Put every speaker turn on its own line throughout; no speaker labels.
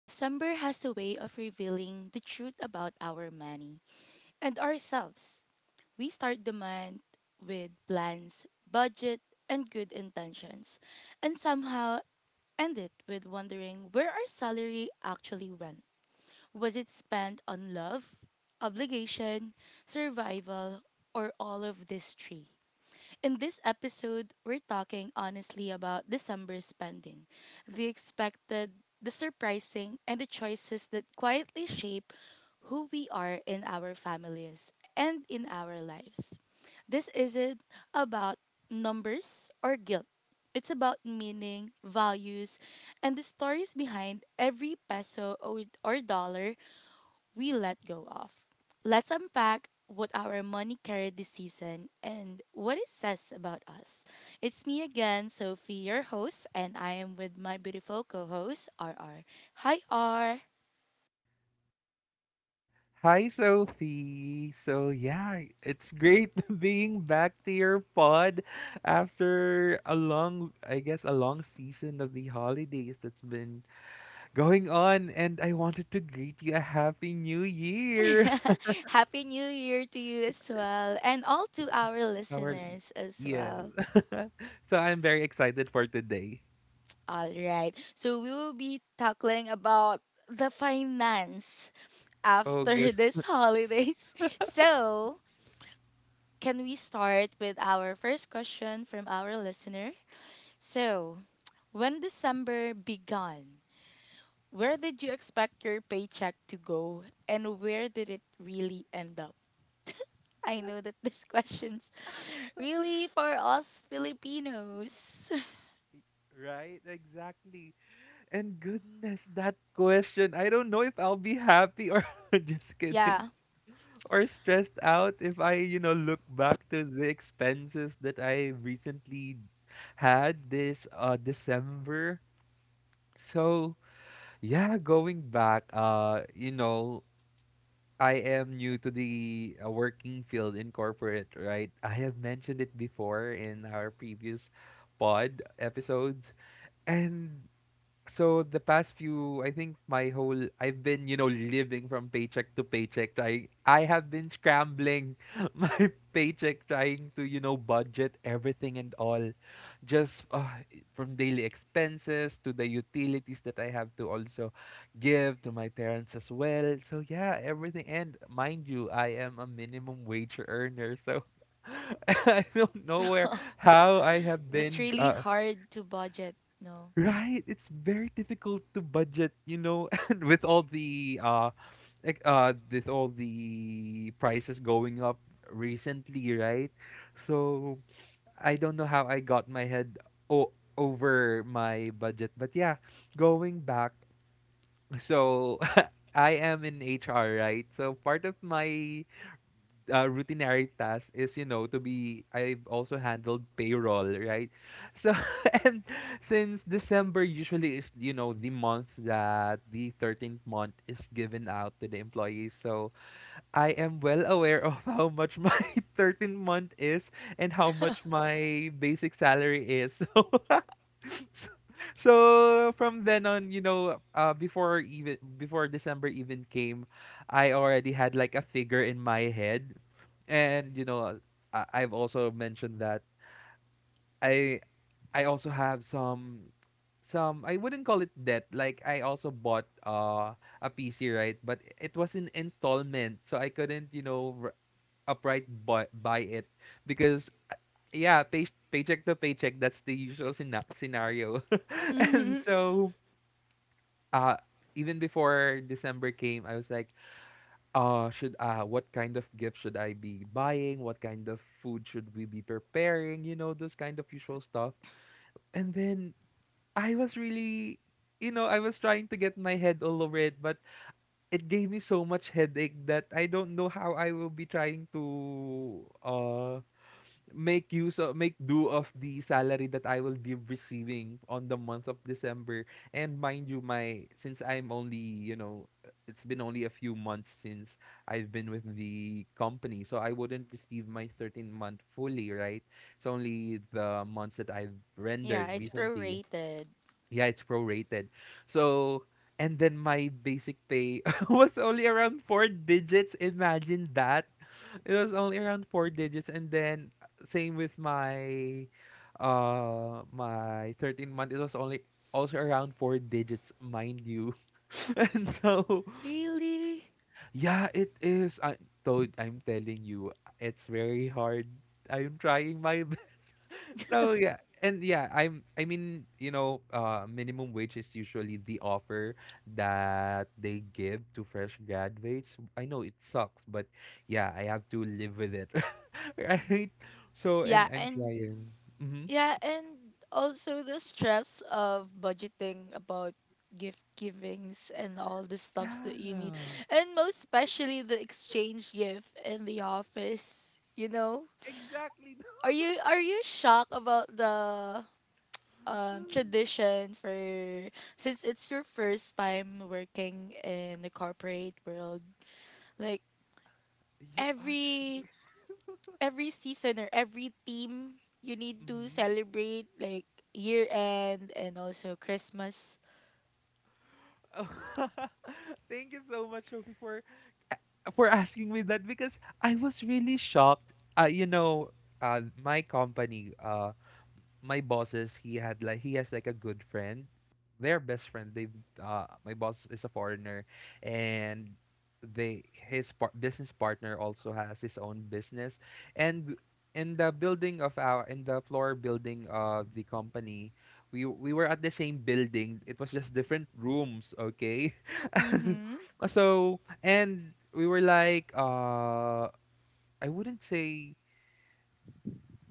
December has a way of revealing the truth about our money and ourselves. We start the month with plans, budget, and good intentions, and somehow end it with wondering where our salary actually went. Was it spent on love, obligation, survival, or all of these three? In this episode, we're talking honestly about December spending, the expected, the surprising, and the choices that quietly shape who we are in our families and in our lives. This isn't about numbers or guilt. It's about meaning, values, and the stories behind every peso or dollar we let go of. Let's unpack what our money carried this season and what it says about us. It's me again, Sophie, your host, and I am with my beautiful co host, R R. Hi, R.
Hi, Sophie. So, yeah, it's great being back to your pod after a long, I guess, a long season of the holidays that's been going on. And I wanted to greet you a happy new year.
Happy New Year to you as well, and all to our
Our,
listeners as
yes.
well.
So, I'm very excited for today.
All right, so we will be tackling about the finance
Oh,
after
good.
this holidays. So, can we start with our first question from our listener? So, when December began, where did you expect your paycheck to go and where did it really end up? I know that this question's really for us Filipinos.
Right, exactly. And goodness, that question. I don't know if I'll be happy or just kidding.
Yeah.
Or stressed out if I, you know, look back to the expenses that I recently had this December. So, yeah, going back, you know, I am new to the working field in corporate, right? I have mentioned it before in our previous pod episodes. And so the past few, I think my whole, I've been, you know, living from paycheck to paycheck trying, I have been scrambling my paycheck trying to, you know, budget everything and all just from daily expenses to the utilities that I have to also give to my parents as well. So yeah, everything. And mind you, I am a minimum wage earner, so I don't know where how I have
That's
been
really hard to budget, no?
right, it's very difficult to budget, you know, and with all the like with all the prices going up recently, right? So I don't know how I got my head o- over my budget, but yeah, going back. So I am in HR, right? So part of my routinary task is, you know, to be, I've also handled payroll, right? So, and since December usually is, you know, the month that the 13th month is given out to the employees. So, I am well aware of how much my 13th month is and how much my basic salary is. So, so so from then on, you know, before even before December even came, I already had like a figure in my head, and you know, I've also mentioned that I I also have some I wouldn't call it debt. Like I also bought a PC, right? But it was in installment, so I couldn't, you know, upright buy it because yeah paycheck to paycheck, that's the usual scenario. And so uh even before December came, I was like, should, what kind of gift should I be buying, what kind of food should we be preparing, you know, those kind of usual stuff. And then I was really, you know, I was trying to get my head all over it, but it gave me so much headache that I don't know how I will be trying to make use of, make do of the salary that I will be receiving on the month of December. And mind you, my since I'm only, you know, it's been only a few months since I've been with the company, so I wouldn't receive my 13th month fully, right? It's only the months that I've
Yeah,
rendered
it's
recently.
prorated.
Yeah, it's prorated. So and then my basic pay was only around four digits. Imagine that. It was only around four digits, and then same with my my 13 month. It was only also around four digits, mind you. And so,
Really?
yeah, it is. I told, I'm telling you, it's very hard. I'm trying my so yeah, and yeah, I'm I mean, you know, minimum wage is usually the offer that they give to fresh graduates. I know it sucks, but yeah, I have to live with it. Right? So
Yeah,
and I'm
and
trying. Mhm.
Yeah, and also the stress of budgeting about gift givings and all the stuffs that you need.
Yeah.
And most especially the exchange gift in the office, you know?
Exactly.
Are you shocked about the tradition for since it's your first time working in the corporate world? Like
Yeah,
every
actually.
every season or every team you need to
Mhm.
celebrate like year end and also Christmas.
Thank you so much, Sophie, for asking me that because I was really shocked. You know, my company, my bosses he has like a good friend, their best friend. They my boss is a foreigner, and they his business partner also has his own business, and in the building of our, in the floor building of the company, we were at the same building, it was just different rooms, okay?
Mm-hmm.
So and we were like I wouldn't say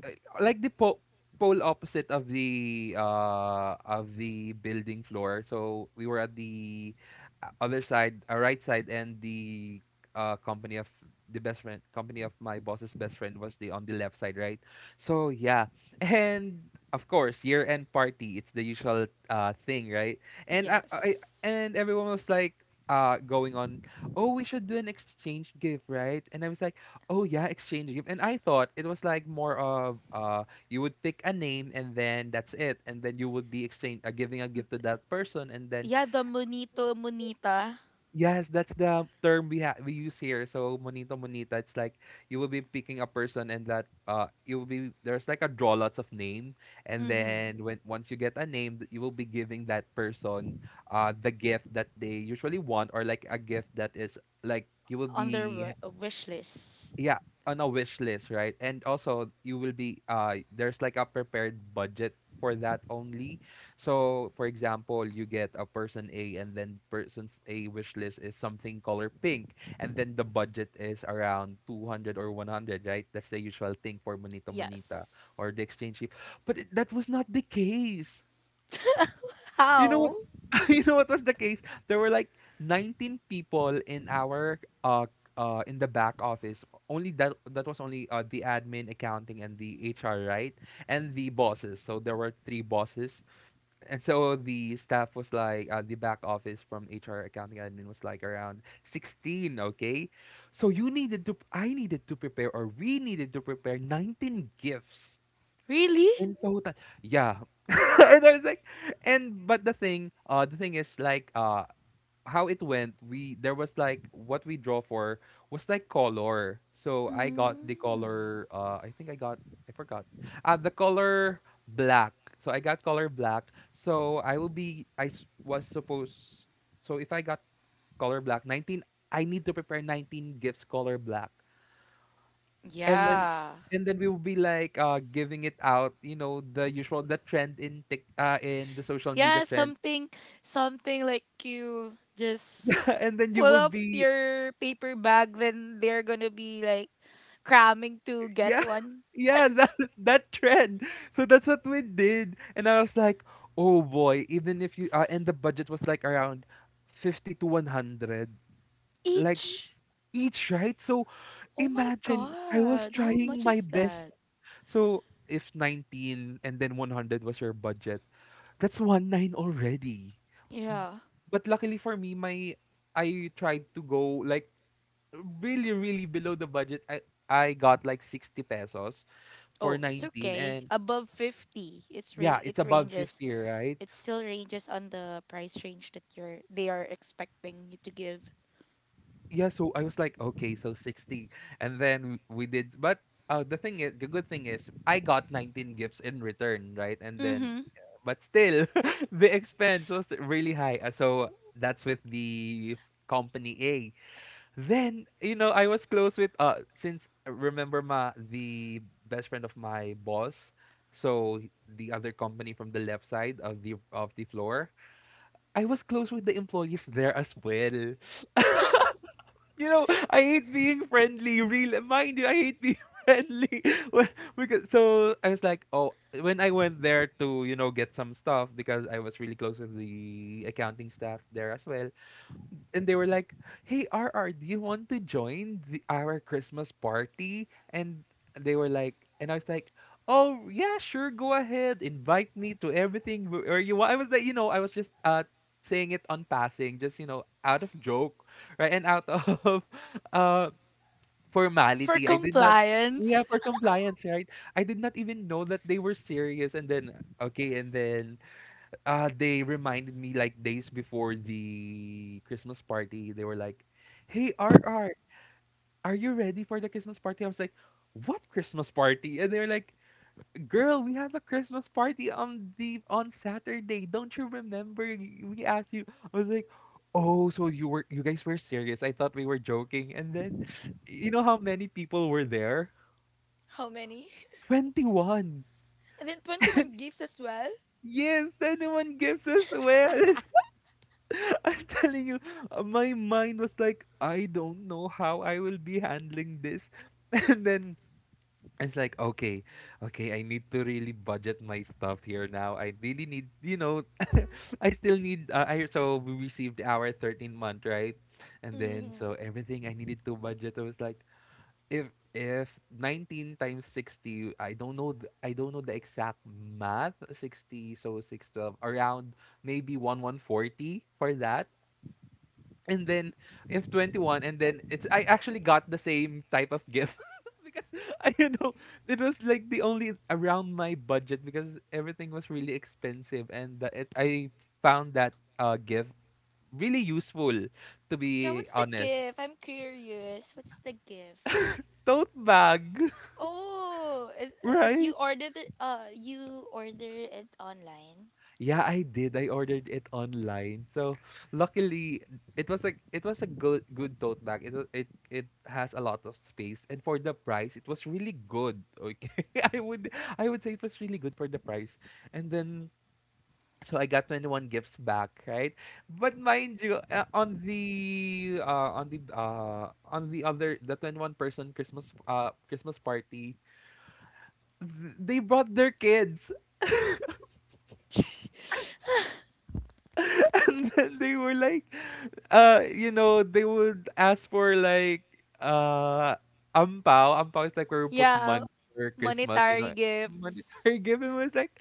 uh, like the pole opposite of the building floor. So we were at the other side, right side, and the company of the best friend, company of my boss's best friend was the on the left side, right? So yeah, and of course year-end party, it's the usual thing, right? And I
Yes.
and everyone was like going on, oh we should do an exchange gift, right? And I was like, oh yeah, exchange gift. And I thought it was like more of you would pick a name and then that's it, and then you would be exchange giving a gift to that person, and then
Yeah, the Monito Monita.
yes, that's the term we use here. So monito monita, it's like you will be picking a person, and that you will be, there's like a draw lots of name, and
Mm-hmm.
then when once you get a name, that you will be giving that person the gift that they usually want, or like a gift that is like you will
On their
be,
wish list.
yeah, on a wish list, right? And also you will be there's like a prepared budget for that only. So for example, you get a person A, and then person's A wish list is something color pink, and then the budget is around 200 or 100, right? That's the usual thing for monito monita
Yes.
or the exchange ship. But that was not the case. You know what?
How?
You know what was the case? There were like 19 people in our in the back office. Only that that was only the admin, accounting, and the HR, right? And the bosses. So there were three bosses, and so the staff was like, the back office from HR, accounting, admin was like around 16. Okay, so you needed to, I needed to prepare, or we needed to prepare 19 gifts
Really?
in total, yeah. And I was like, and but the thing is like, how it went. We there was like what we draw for was like color. So I got the
Mm.
color. I think I got, I forgot. The color black. So I got color black. So I will be, was supposed. So if I got color black, 19. I need to prepare 19 gifts color black. And then
Yeah.
we will be like giving it out, you know, the usual the trend in tick in the social media
Yeah,
trend.
something like you just
And then you
pull
will
up
be,
your paper bag then they're going to be like cramming to get
yeah.
one.
Yeah, that trend. So that's what we did. And I was like, "Oh boy, even if you and the budget was like around 50 to 100 like
Each.
each, right? So
Oh my
imagine I was
god, how much
trying my
is
best.
that?
So if 19 and then 100 was your budget, that's 1-9 already."
Yeah.
But luckily for me, my I tried to go like really, really below the budget. I got like 60 pesos for
Oh, it's
19
okay.
and
Above 50,
yeah, it's
it
above
ranges.
50, right?
It still ranges on the price range that you're they are expecting you to give.
Yeah, so I was like, "Okay, so 60." And then we did but, the thing is the good thing is I got 19 gifts in return, right? And then
Mhm.
but still, the expense was really high. So that's with the company A. Then, you know, I was close with since remember ma the best friend of my boss, so the other company from the left side of the floor. I was close with the employees there as well. You know, I hate being friendly, really. Mind you, I hate being friendly. Well, because so I was like, oh, when I went there to, you know, get some stuff because I was really close with the accounting staff there as well, and they were like, "Hey RR, do you want to join the, our Christmas party?" And they were like, and I was like, "Oh yeah, sure, go ahead, invite me to everything where you want." I was like, you know, I was just saying it on passing, just you know, out of joke, right, and out of uh
For
formality. I did not. Yeah,
compliance.
for compliance, right? I did not even know that they were serious, and then okay, and then they reminded me like days before the Christmas party. They were like, "Hey RR, are you ready for the Christmas party?" I was like, "What Christmas party?" And they were like, "Girl, we have a Christmas party on the on Saturday. Don't you remember? We asked you." I was like, "Oh, so you were, you guys were serious. I thought we were joking." And then, you know how many people were there?
How many?
21.
And then 21 gifts as well?
Yes, 21 gives us well. I'm telling you, my mind was like, I don't know how I will be handling this. And then it's like, okay, okay, I need to really budget my stuff here now. I really need, I still need, so we received our 13-month, right? And then, so everything I needed to budget, I was like, if, if 19 times 60. I don't know, I don't know the exact math. 60, so 612, around maybe one forty for that, and then if 21. And then it's I actually got the same type of gift, because I you know it was like the only around my budget, because everything was really expensive. And that it, I found that gift really useful, to
Yeah,
be
what's the
honest.
gift? I'm curious. What's the gift?
Tote bag.
Oh,
Right.
you ordered it you order it online?
Yeah, I did. I ordered it online. So luckily, it was a good tote bag. It was, it has a lot of space, and for the price, it was really good. Okay. I would I would say it was really good for the price. And then, so I got 21 gifts back, right? But mind you, on the other, the 21 person Christmas Christmas party, they brought their kids. And then they were like, they would ask for like, uh ampao. Ampao is like where we put
Yeah,
money for Christmas,
monetary gifts.
monetary given was, like,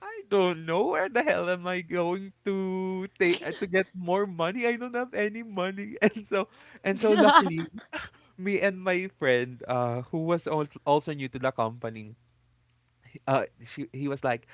I don't know where the hell am I going to take to get more money. I don't have any money. And so, luckily, me and my friend, who was also new to the company, she he was like,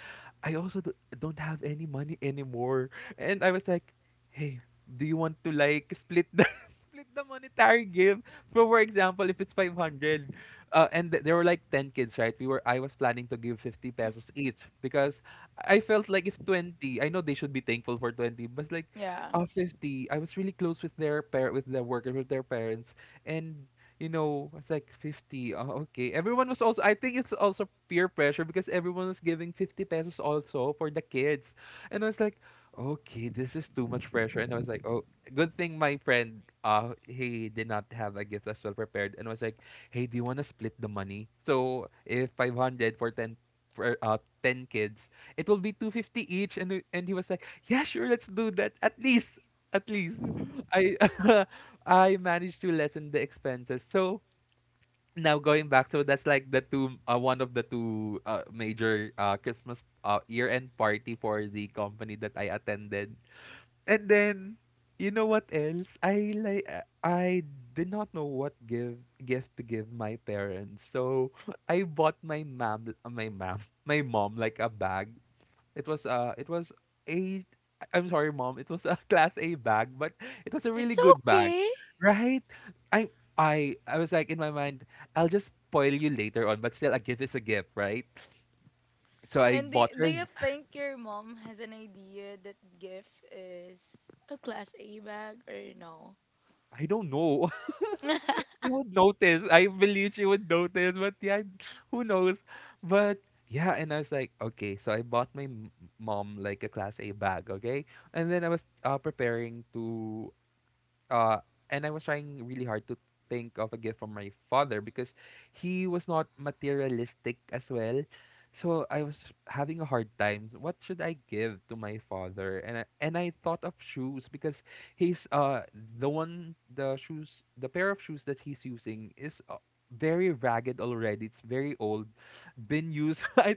"I also don't have any money anymore." And I was like, "Hey, do you want to like split the, split the monetary gift?" So for example, if it's 500, and there were like 10 kids, right? We were, I was planning to give 50 pesos each, because I felt like, if 20, I know they should be thankful for 20, but like,
Yeah.
50, I was really close with their with the worker, with their parents, and, you know, it's like 50. Oh, okay. Everyone was also, I think it's also peer pressure, because everyone was giving 50 pesos also for the kids. And I was like, okay, this is too much pressure. And I was like, oh, good thing my friend, he did not have a gift as well prepared. And I was like, hey, do you want to split the money? So if 500 for 10, for, uh, 10 kids, it will be 250 each. And, and he was like, yeah, sure, let's do that. At least, at least I I managed to lessen the expenses. So now going back, so that's like the two, one of the two major, Christmas, year-end party for the company that I attended. And then, you know what else? I did not know what give gift to give my parents. So I bought my mom, my mom like a bag. It was, a, I'm sorry, mom, it was a class A bag, but it was a really
It's
good bag.
okay.
Right? I I was like, in my mind, I'll just spoil you later on, but still, a gift is a gift, right? So I
And do,
bought
do
her.
you think your mom has an idea that gift is a class A bag or no?
I don't know. She would notice. I believe she would notice, but yeah, who knows? But yeah, and I was like, okay, so I bought my mom like a class A bag, okay? And then I was preparing to, uh and I was trying really hard to think of a gift from my father, because he was not materialistic as well. So I was having a hard time. What should I give to my father? And I thought of shoes, because he's, the one, the shoes, the pair of shoes that he's using is, very ragged already. It's very old, been used. I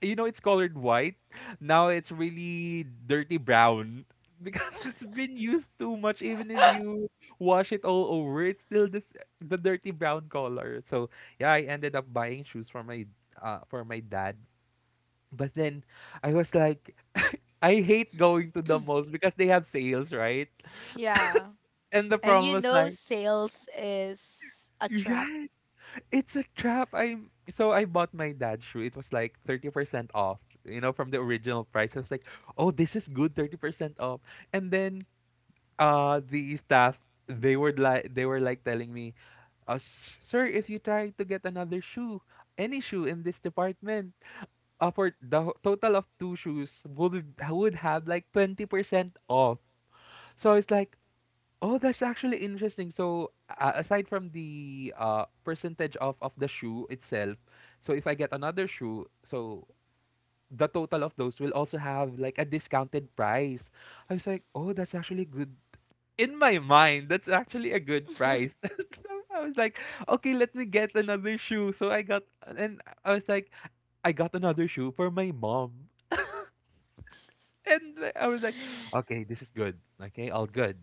you know, it's colored white. Now it's really dirty brown, because it's been used too much. Even if you wash it all over, it's still this the dirty brown color. So yeah, I ended up buying shoes for my dad. But then, I was like, I hate going to the malls, because they have sales, right?
Yeah.
And the
And
problem
you
was
know
like,
sales is a trap.
yeah, it's a trap. I So I bought my dad's shoe. It was like 30% off, from the original price. I was like, oh, this is good, 30% off. And then, the staff, they were like telling me, "S- sir, if you try to get another shoe, any shoe in this department, for the total of two shoes, would have like 20% off." So it's like, oh, that's actually interesting. So, aside from the percentage off of the shoe itself, so if I get another shoe, so the total of those will also have like a discounted price. I was like, oh, that's actually good. In my mind, that's actually a good price. I was like, okay, let me get another shoe. So I got, and I was like, I got another shoe for my mom. And like, I was like, okay, this is good. Okay, all good.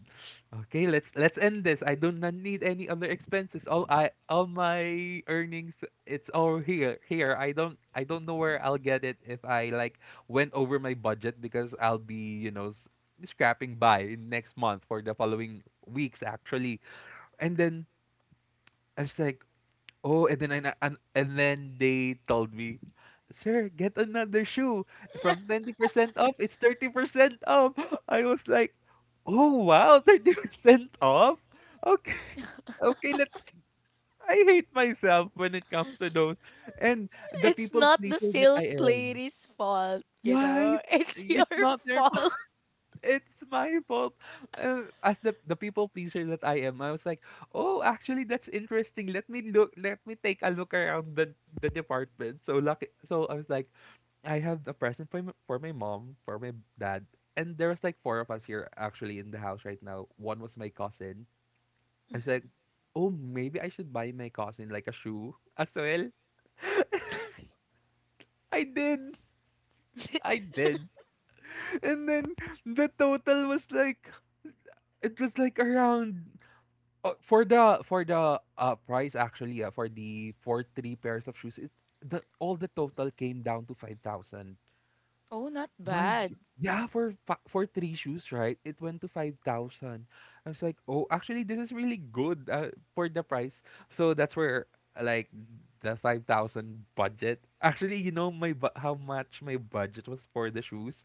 Okay, let's, end this. I do not need any other expenses. All, I all my earnings, it's all here. Here, I don't know where I'll get it if I like went over my budget, because I'll be, scrapping by next month for the following weeks actually. And then I was like, oh, and then and then they told me, "Sir, get another shoe. From 20% off, it's 30% off." I was like, "Oh, wow, 30% off? Okay." Okay, let's I hate myself when it comes to those. And the
It's
people
not the
pleaser that I
sales
am.
lady's fault.
Right?
It's your
It's not their,
fault.
it's my fault. As the people pleaser that I am, I was like, oh, actually, that's interesting. Let me look. Let me take a look around the department. So lucky. So I was like, I have a present for for my mom, for my dad, and there was like four of us here actually in the house right now. One was my cousin. I was like, oh, maybe I should buy my cousin like a shoe as well. I did. I did. And then the total was like, around, oh, for the, price actually, for the, for three pairs of shoes, it, the all the total came down to 5,000.
Oh, not
Mind
bad.
you, yeah, for for three shoes, right? It went to 5,000. I was like, "Oh, actually this is really good, for the price." So that's where, uh, like the 5,000 budget. Actually, you know my how much my budget was for the shoes?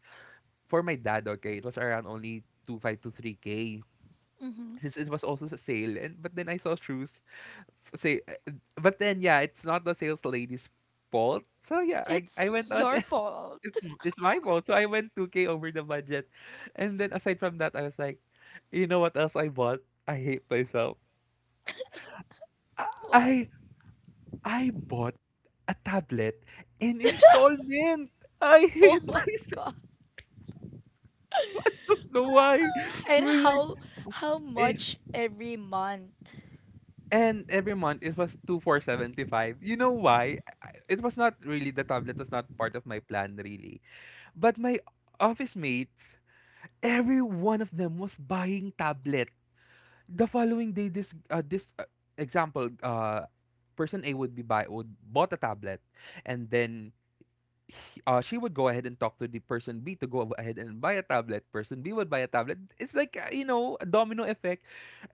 For my dad, okay, it was around only 2.5 to 3k,
Hmm.
since it was also a sale. And but then I saw shoes, f- say but then, yeah, it's not the sales lady's fault. So yeah, I
It's
went on,
your fault.
it's my fault. So I went 2k over the budget. And then, aside from that, I was like, you know what else I bought? I hate myself. i
What?
i I bought a tablet in installment. I
Oh
hate
my
myself.
god.
I don't know why. It
And
was like,
how
Eh,
much every month
and every month it was 2,475. You know why? It was not really, the tablet was not part of my plan really. But my office mates, every one of them was buying tablet. The following day, this, example, person A would be buy would bought a tablet, and then, she would go ahead and talk to the person B to go ahead and buy a tablet. Person B would buy a tablet. It's like, a domino effect.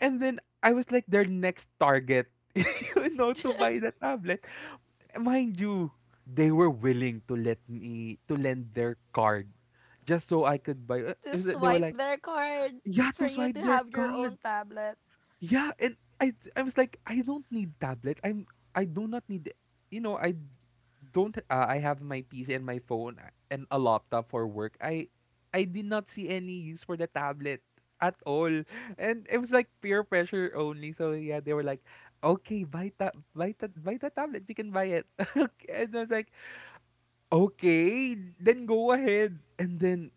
And then I was like, their next target, to buy the tablet. Mind you, they were willing to let me to lend their card, just so I could buy.
to
It was, they were
swipe
like,
their card
yeah,
for
to
you to
swipe their
have your own
card.
tablet.
Yeah, and I was like, I don't need tablet. I do not need, I don't I have my PC and my phone, and a laptop for work. I did not see any use for the tablet at all. And it was like peer pressure only. So yeah, they were like, "Okay, buy the tablet. You can buy it." Okay, and I was like, "Okay, then go ahead." And then,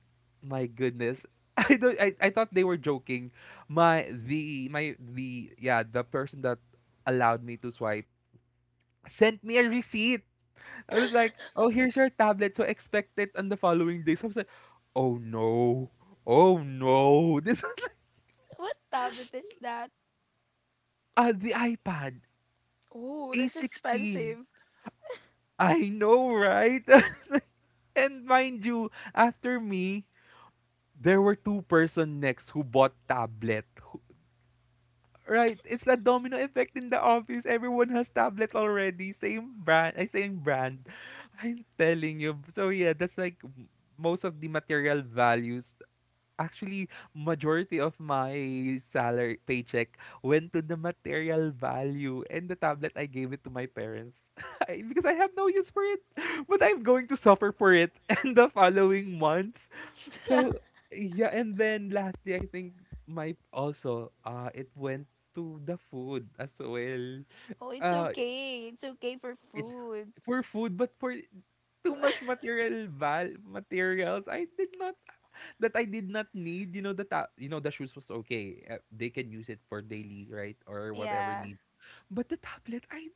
my goodness. I don't I thought they were joking. The person that allowed me to swipe sent me a receipt. I was like, "Oh, here's your tablet, so expect it on the following day." So I was like, "Oh no. Oh no." This was like,
What tablet is that?
the iPad
Oh, that's
A16.
expensive.
I know, right? And mind you, after me, there were two-person next who bought tablet. Right, it's a domino effect in the office. Everyone has tablet already. Same brand, I same brand. I'm telling you. So yeah, that's like most of the material values, actually majority of my salary paycheck went to the material value, and the tablet I gave it to my parents. Because I have no use for it, but I'm going to suffer for it in the following months. So yeah, and then lastly, I think my also it went to the food as well.
Oh, it's
uh
okay. It's okay for
it
food.
for food, but for too much materials, I did not that I did not need. The top, the shoes was okay. They can use it for daily, right, or whatever
Yeah.
need. But the tablet, I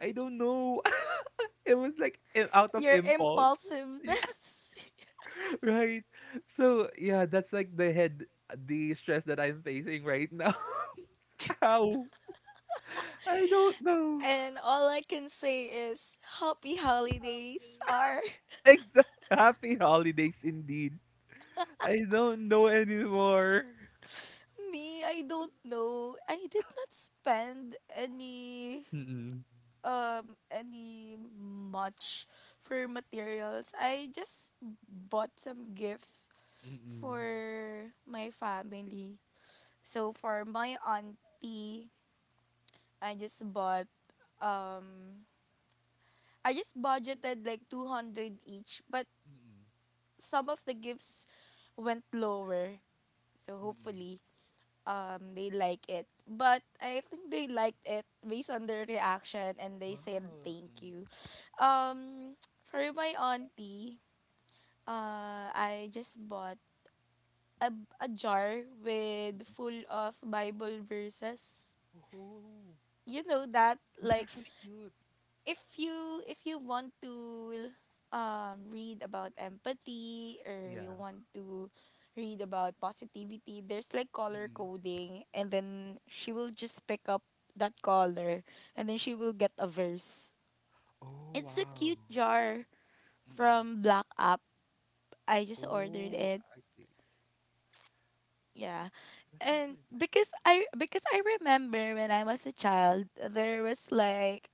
I don't know. It was like, out of
Your
impulse,
impulsiveness.
right? So yeah, that's like the head, the stress that I'm facing right now. How? I don't know.
And all I can say is happy holidays are
Exact Happy holidays indeed. I don't know anymore.
me. I don't know. I did not spend
Mm-mm.
any much for materials. I just bought some gift
Mm-mm.
for my family. So for my auntie, I just bought um I just budgeted like 200 each, but
Mm-mm.
some of the gifts went lower. So
Mm-mm.
hopefully they like it. But I think they liked it based on their reaction and they said
Wow.
thank you.
Mm.
Um, for my auntie, I just bought a, a jar with full of Bible verses.
Oh,
You know that,
that's
like,
actually cute.
if you want to read about empathy or you
Yeah.
want to read about positivity, there's like color
Mm.
coding, and then she will just pick up that color, and then she will get a verse.
Oh,
It's a
wow.
cute jar
Mm.
from Black App. I just ordered
Oh,
it.
I see.
Yeah.
That's
And
actually nice.
because I remember when I was a child, there was like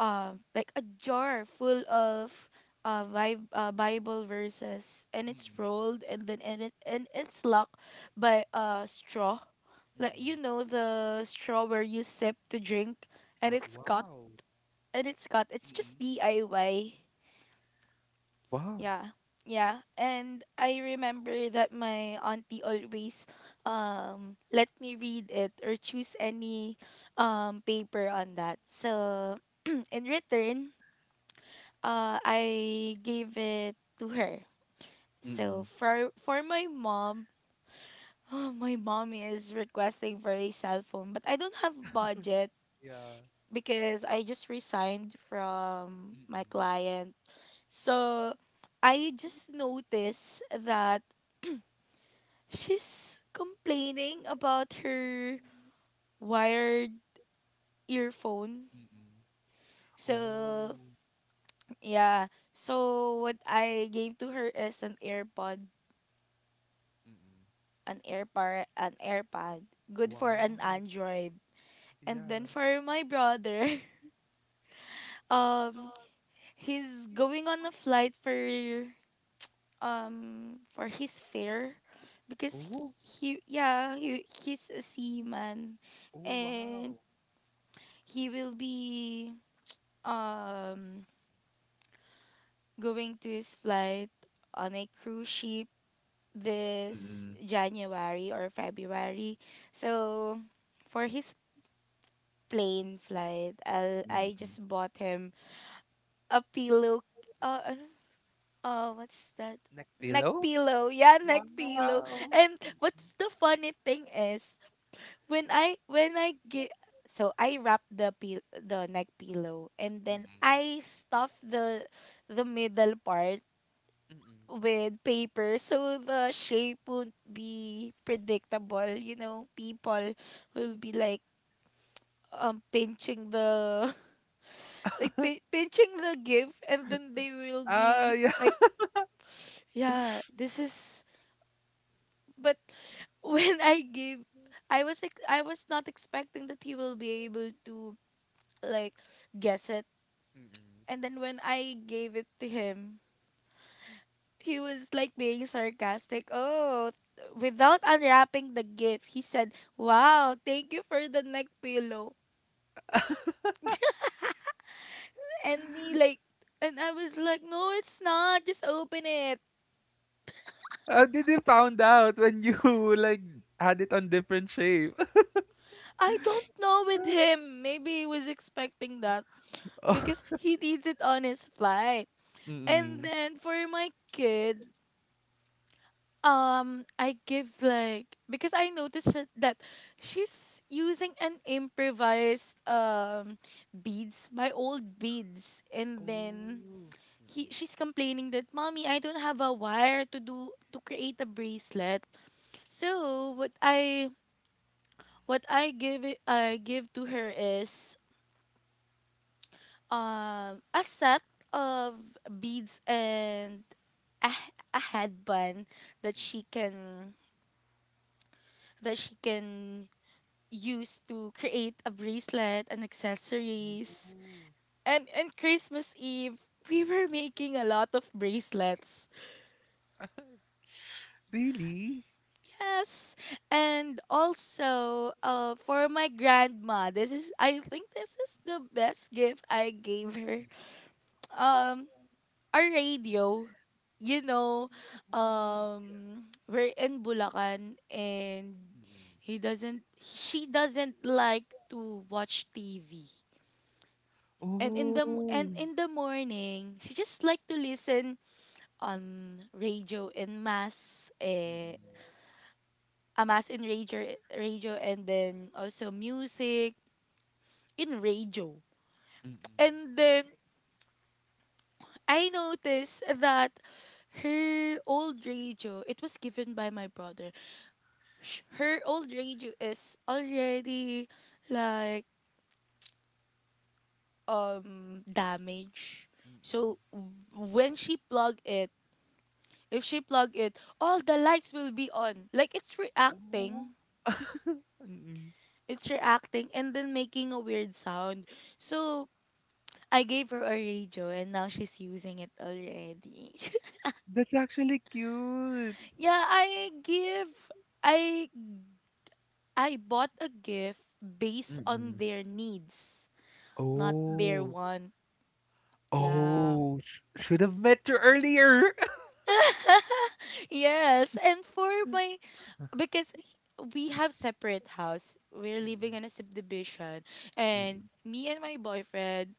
um like a jar full of Bible verses, and it's
Mm.
rolled, and then and it's locked by a straw. Like you know
Mm.
the straw where you sip to drink, and
Wow.
it's cut. It's
Mm.
just DIY.
Wow.
Yeah. Yeah. And I remember that my auntie always let me read it or choose any paper on that. So in return, I gave it to her. So
Mm.
for my mom, my mom is requesting for a cell phone, but I don't have budget
Yeah.
because I just resigned from my
Mm.
client. So I just noticed that she's complaining about her wired earphone.
Mm. Oh,
So, yeah. So what I gave to her is an AirPod,
mm.
an AirPod, an AirPod, good for
Wow.
an Android. And then
Yeah.
for my brother, um he's going on a flight for for his fare because
Oh,
he yeah, he's a seaman,
oh,
and
wow.
he will be um going to his flight on a cruise ship this
Mm.
January or February. So for his plane flight, I
Mm.
just bought him a pillow. Ano? What's that?
Neck
Neck
pillow?
pillow. Yeah, neck pillow.
Wow.
And what's
Mm.
the funny thing is when I get, so I wrap the neck pillow, and then
Mm.
I stuff the middle part
Mm.
with paper so the shape won't be predictable, people will be like pinching the pinching the gift, and then they will
Ah,
be
yeah.
like, yeah, this is. But when I gave, I was not expecting that he will be able to like guess it,
Mm.
and then when I gave it to him, he was like being sarcastic. Oh, without unwrapping the gift, he said, "Wow, thank you for the neck pillow." And me, like, and I was like, "No, it's not. Just open it."
How did you found out when you like, had it on different shape?
I don't know with him. Maybe he was expecting that
Oh,
because he needs it on his flight. And
mm.
then for my kid, I give like because I noticed that she's using an improvised beads, my old beads,
Oh.
and then
Mm.
he she's complaining that mommy I don't have a wire to create a bracelet. So what I give it I give to her is a set of beads and a, a headband that she
Mm.
can that she can used to create a bracelet and accessories. And Christmas Eve, we were making a lot of bracelets.
Oh. Really?
Yes. And also, for my grandma, this is I think this is the best gift I gave her.
Mm.
Um, a radio. You know,
Oh, yeah.
we're in Bulacan, and
Mm.
he doesn't she doesn't like to watch TV. And in
Oh.
and in the morning, she just like to listen on radio, and
Mm.
a mass in radio, and then also music in radio.
Mm.
And then I noticed that her old radio, it was given by my brother. Her old radio is already like damaged. So when she plugged it, if she plug it, all the lights will be on. Like it's
Mm.
reacting.
Oh. Mm.
It's reacting and then making a weird sound. So I gave her a radio and now she's using it already.
That's actually cute.
Yeah, I give I I bought a gift based on
Mm.
their needs, not their
Oh.
want. Yeah.
Oh, sh should have met you earlier.
Yes, and for my because we have separate house. We're living
Mm.
in a subdivision, and
Mm.
me and my boyfriend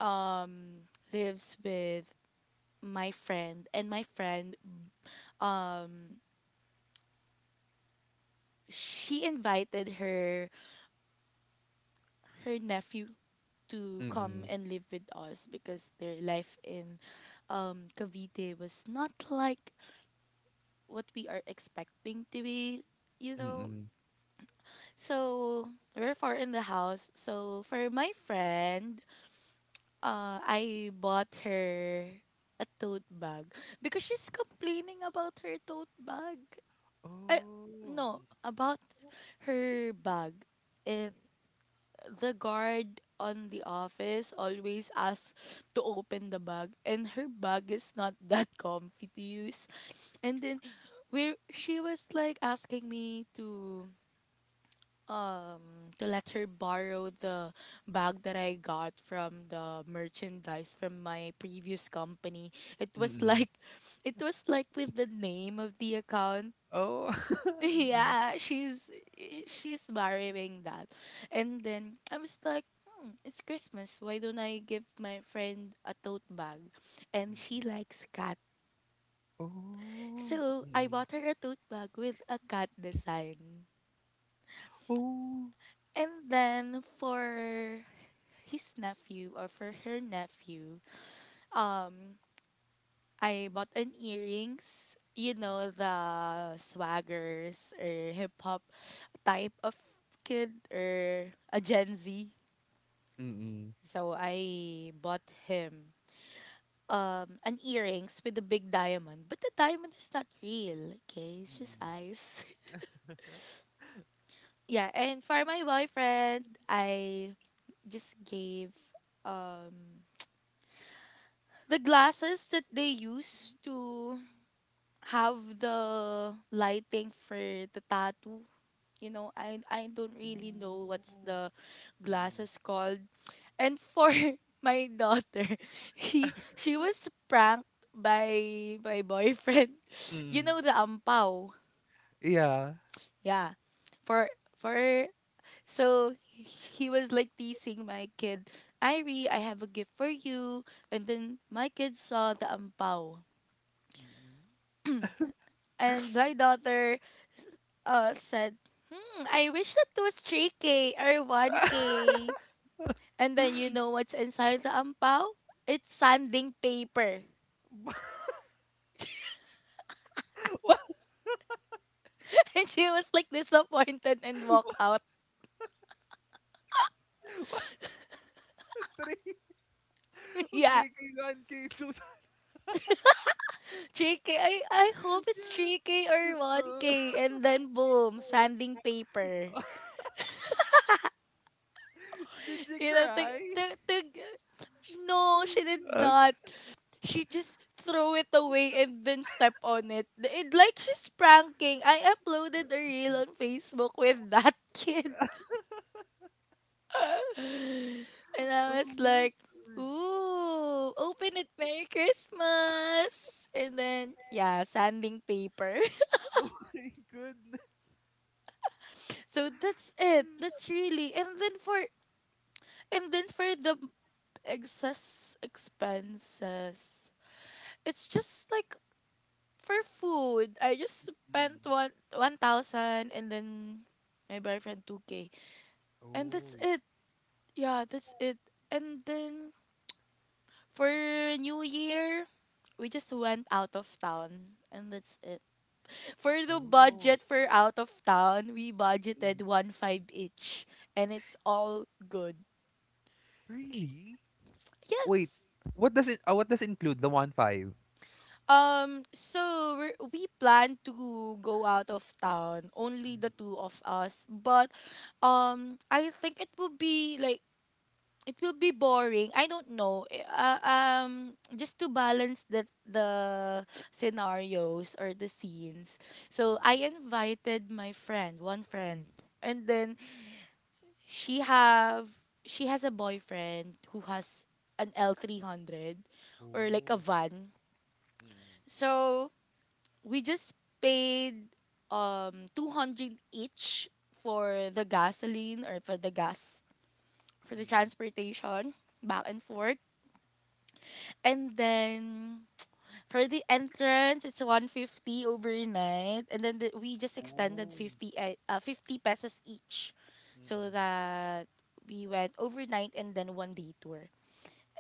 um lives with my friend uh she invited her nephew to come
Mm,
and live with us because their life in Cavite was not like what we are expecting to be, you know
mm.
so we're four in the house. So for my friend, I bought her a tote bag because she's complaining about her tote bag.
Oh,
I, no,
mm.
about her bag. If the guard on the office always asks to open the bag, and her bag is not that comfy to use. And then we she was like asking me to to let her borrow the bag that I got from the merchandise from my previous company. It was
Mm.
like it was like with the name of the account.
Oh, mm.
Yeah, she's borrowing that. And then I was like, hmm, it's Christmas. Why don't I give my friend a tote bag? And she
Mm.
likes cat.
Oh,
So I
mm.
bought her a tote bag with a cat design.
Oh.
And then for his nephew or for her nephew, I bought an earrings. You know, the swaggers or hip hop type of kid or a Gen Z.
Mm.
So I bought him an earrings with a big diamond, but the diamond is not real. Okay, it's just
Mm.
ice.
Huh?
Yeah, and for my boyfriend, I just gave um the glasses that they use to have the lighting for the tattoo. You know, I don't really know what's
Oh.
the
Mm.
glasses called. And for my daughter, he she was pranked by my boyfriend. You
Mm.
know the ampao.
Yeah.
Yeah. For for so he was like teasing my kid, Irie, I have a gift for you. And then my kid saw the ampao.
Mm.
And my daughter said, I wish that was 3K or 1K. And then you know what's inside the ampao? It's sanding paper.
What?
And she was like disappointed and walk
What?
out.
What? Three?
Yeah.
3K, 1K, 2,000.
3K, I hope it's 3K
Yeah.
or 1K. And then boom, sanding paper.
Did you
You know, to,
cry?
to, to, no, she did not.
Okay.
She just throw it away and then step on it. Like she's pranking. I uploaded a reel on Facebook with that kid. And I
Oh
was
my
like,
god.
ooh, open it, Merry Christmas. And then, yeah, sanding paper.
Oh my goodness.
So that's it.
Mm.
That's really. And then for the excess expenses, it's just like for food. I just spent
Mm.
one thousand and then my boyfriend two k, and
Oh
that's
yeah.
it. Yeah, that's it. And then for New Year, we just went out of town and that's it. For the
Oh.
budget for out of town, we
Mm.
budgeted one five each and it's all good.
Really? Wait.
Yes.
What does it what does include the one five?
So we plan to go out of town, only the
Mm.
two of us, but I think it will be boring. I don't know. Just to balance the scenarios or the scenes. So
Mm.
I invited my friend, one friend, and then she have she has a boyfriend who has an L 300 or like a
Oh.
van.
Mm.
So we just paid 200 each for the gasoline or for the gas, for the
Mm.
transportation back and forth. And then for the entrance, it's 150 overnight. And then we just extended
Oh.
50 pesos each. So that we went overnight and then one day tour.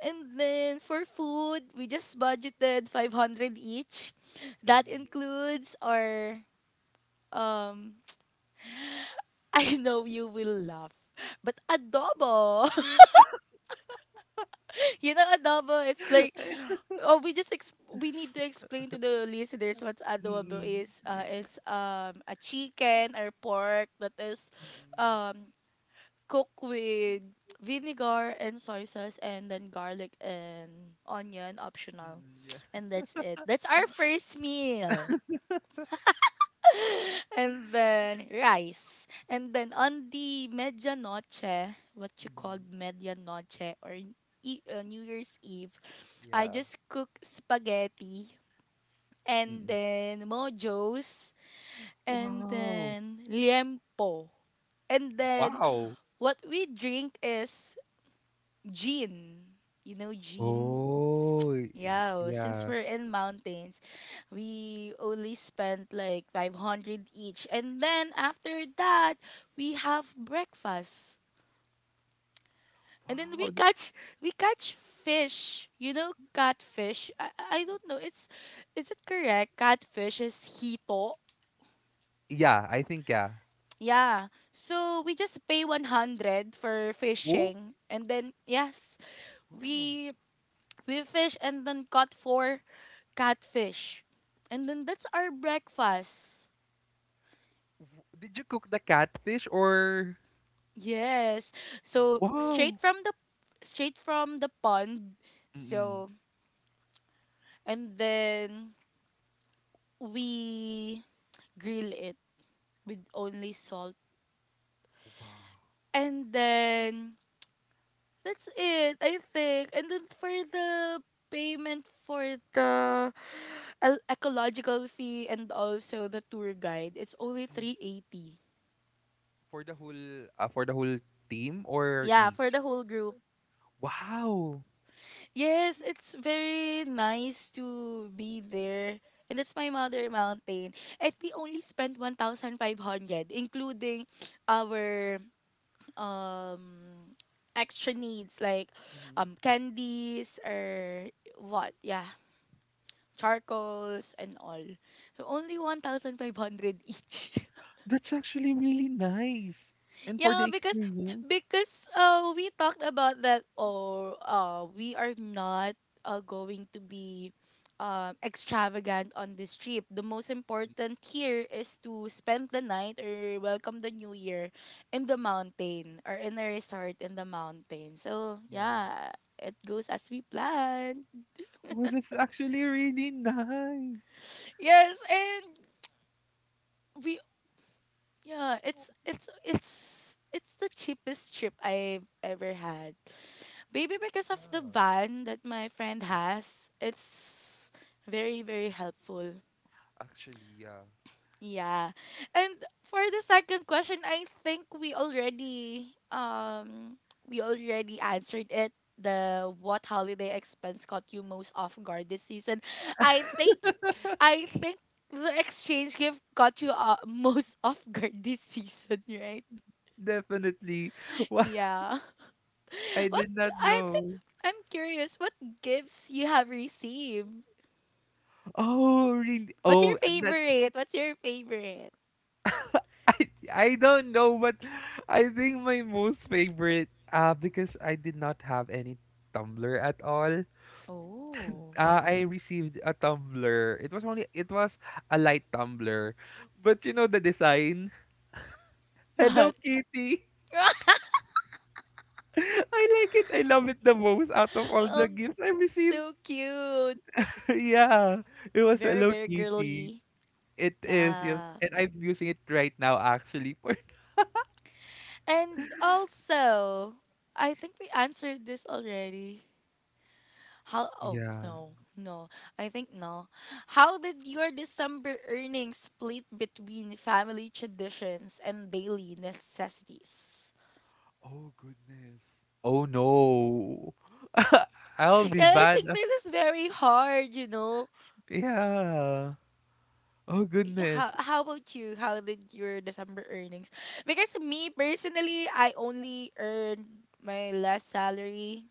And then for food, we just budgeted 500 each. That
Mm.
includes um, I know you will laugh, but adobo. You know adobo, it's like oh we just ex- we need to explain to the listeners what adobo
Mm-mm.
is. Uh
Eh,
it's a chicken or pork that is
mm.
um cooked with vinegar and soy sauce, and then garlic and onion optional,
Mm. Yeah.
and that's it. That's our first meal, and then rice, and then on the medianoche, what you call
Mm.
medianoche or New Year's Eve, I
Yeah.
just cook spaghetti and
Mm.
then mojos, and
Wow.
then liempo. And then
Wow.
what we drink is gin. You know gin?
Oh,
Yeah, oh, since
yeah.
we're in mountains, we only spent like 500 each. And then after that, we have breakfast. And then
Wow.
we catch fish. You know catfish? I don't know. It's, is it correct? Catfish is hito.
Yeah, I think yeah.
Yeah. So we just pay 100 for
Oh.
fishing, and then yes,
Wow.
we we fish and then caught four catfish. And then that's our breakfast.
W Did you cook the catfish, or
Yes. So straight
wow?
from the pond.
Mm.
So and then we grill it with only salt.
Wow.
And then that's it, I think. And then for the payment for the ecological fee and also the tour guide, it's only
Mhm.
380.
For the whole, ah, for the whole team or
Yeah, for
each?
the whole group.
Wow.
Yes, it's very nice to be there. And it's my mother mountain. And we only spent 1,500, including our um extra needs like
Mhm.
candies or what? Yeah, charcoals and all. So only 1,500 each.
That's actually really nice. And for
Yeah,
the
because
experience?
we talked about that, or we are not going to be extravagant on this trip. The most important here is to spend the night or welcome the new year in the mountain, or in a resort in the mountain. So,
Yeah.
yeah, it goes as we planned.
Well, that's actually really nice.
Yes, and we yeah, it's the cheapest trip I've ever had. Maybe because
Yeah.
of the van that my friend
Mhm.
has, it's very, very helpful.
Actually, yeah.
Yeah. And for the second question, I think we already answered it. The What holiday expense caught you most off guard this season. I think I think the exchange gift caught you most off guard this season, right?
Definitely. Wow,
Yeah.
I
What
did not
I think
know.
I'm curious what gifts you have received.
Oh, really?
What's your
Oh, that.
favorite? What's your favorite?
I I don't know, but I think my most favorite, because I did not have any tumbler at all.
Oh.
I received a tumbler. It was a light tumbler, but you know the design. Hello
What?
Kitty. I like it. I love it the most out of all the
Oh,
gifts I received.
so cute.
Yeah, it was
Very,
Hello
very
Kitty.
girly.
It is, yes,
Yeah.
and I'm using it right now actually for.
And also, I think we answered this already. How Oh
Yeah.
no, no. I think no. How did your December earnings split between family traditions and daily necessities?
Oh goodness. Oh no. I'll be
Yeah, I
bad.
think this is very hard.
Yeah. Oh
Yeah,
goodness.
how about you? How did your December earnings? Because me personally, I only earned my last salary,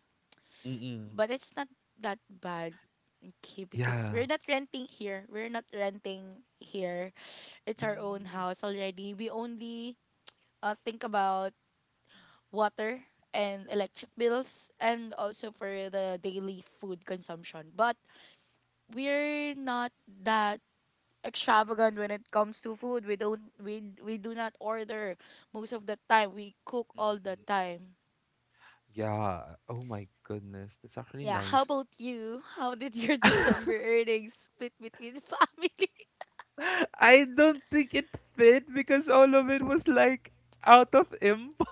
Mm-mm.
but it's not that bad. Okay, because
Yeah.
we're not renting here. We're not renting here. It's our own
Mm,
house already. We only think about water and electric bills, and also for the daily food consumption. But we're not that extravagant when it comes to food. We don't we do not order most of the time. We cook all the
mm-mm.
time.
Yeah. Oh my goodness. That's actually
Yeah, how
nice.
about you? How did your December earnings split between family?
I don't think it fit because all of it was like out of improv.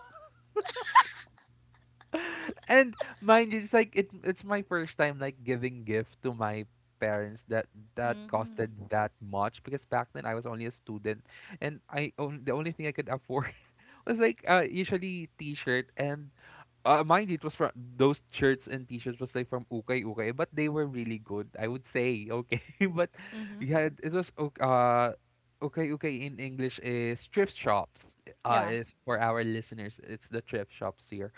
And mind you, it's like it's my first time like giving gift to my parents that costed
Mm-hmm.
that much, because back then I was only a student, and I only the only thing I could afford was like, usually t-shirt, and mind you, it was from those shirts and t-shirts was like from Ukay Ukay, but they were really good. I would say okay, but
Mm-hmm.
yeah, it was okay, okay in English is thrift shops.
Yeah.
If for our listeners, it's the thrift shops here.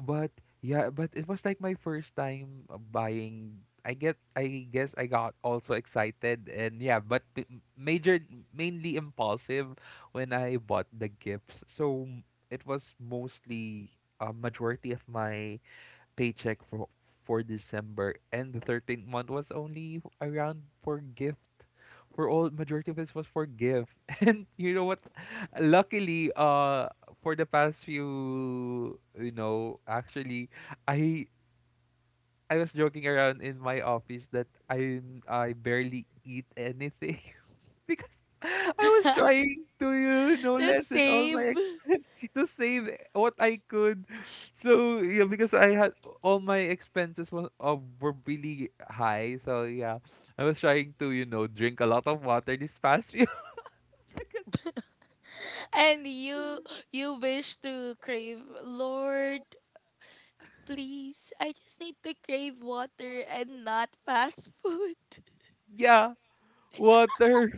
But yeah, but it was like my first time buying. I guess I got also excited, and yeah, but p- m- major mainly impulsive when I bought the gifts. So it was mostly a majority of my paycheck for December, and the 13th month was only around for gift. For all Majority of this was for gift. And you know what? Luckily, for the past few, actually I I was joking around in my office that I barely eat anything because I was trying to,
The
lessen all
same.
my expenses to save what I could. So yeah, because I had all my expenses was were really high. So yeah, I was trying to, drink a lot of water this past few because
And you wish to crave Lord, please. I just need to crave water and not fast food.
yeah. Water.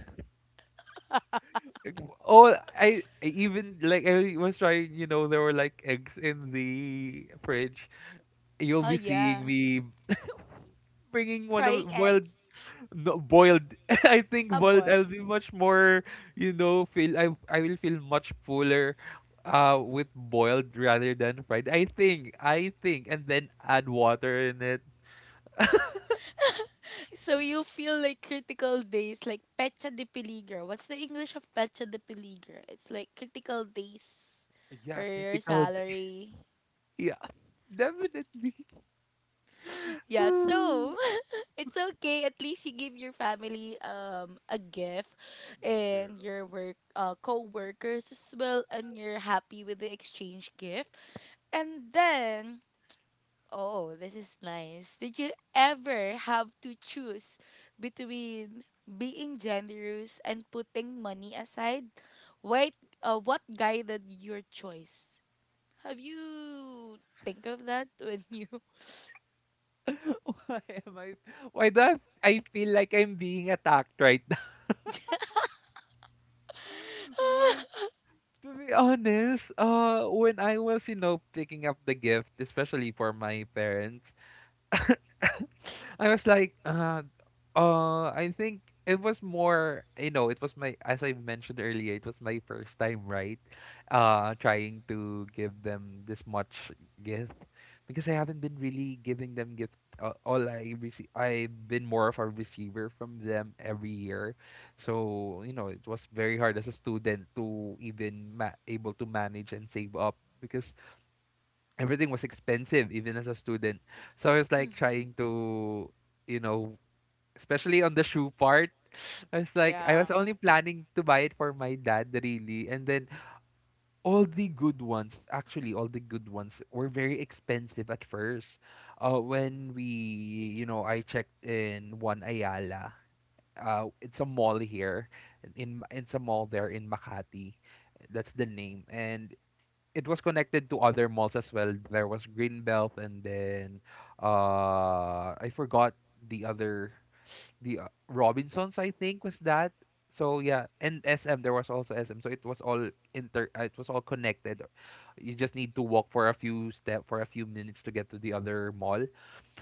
Oh, I even like I was trying. You know, there were like eggs in the fridge, you'll
Oh
be seeing
yeah.
me bringing one
Frying
of boiled,
eggs.
no, boiled I think
A
boiled,
boiled.
I'll be much more, feel I will feel much fuller with boiled rather than fried, I think and then add water in it.
So you feel like critical days, like Pecha de Peligro. What's the English of Pecha de Peligro? It's like critical days for
Yeah,
your salary.
yeah, definitely.
Yeah, so
Mm.
it's okay. At least you give your family a gift,
True.
and your work co-workers as well, and you're happy with the exchange gift. And then, oh, this is nice. Did you ever have to choose between being generous and putting money aside? Wait, what guided your choice? Have you think of that when you?
why am i why do I feel like I'm being attacked right now? To be honest, when I was, picking up the gift, especially for my parents, I was like, I think it was more, it was my, as I mentioned earlier, it was my first time, right? Trying to give them this much gift, because I haven't been really giving them gift. All I receive, I've been more of a receiver from them every year, so, it was very hard as a student to even able to manage and save up, because everything was expensive even as a student. So I was like
Mhm.
trying to, you know especially on the shoe part. I was like, I
Yeah.
was only planning to buy it for my dad really, and then all the good ones, actually all the good ones were very expensive at first, when, we you know I checked in one Ayala, it's a mall here, it's a mall there in Makati, that's the name. And it was connected to other malls as well. There was Greenbelt, and then, I forgot the other, the, Robinsons, I think, was that. So yeah, and SM, there was also SM. So it was all, inter it was all connected. You just need to walk for a few step for a few minutes to get to the other mall.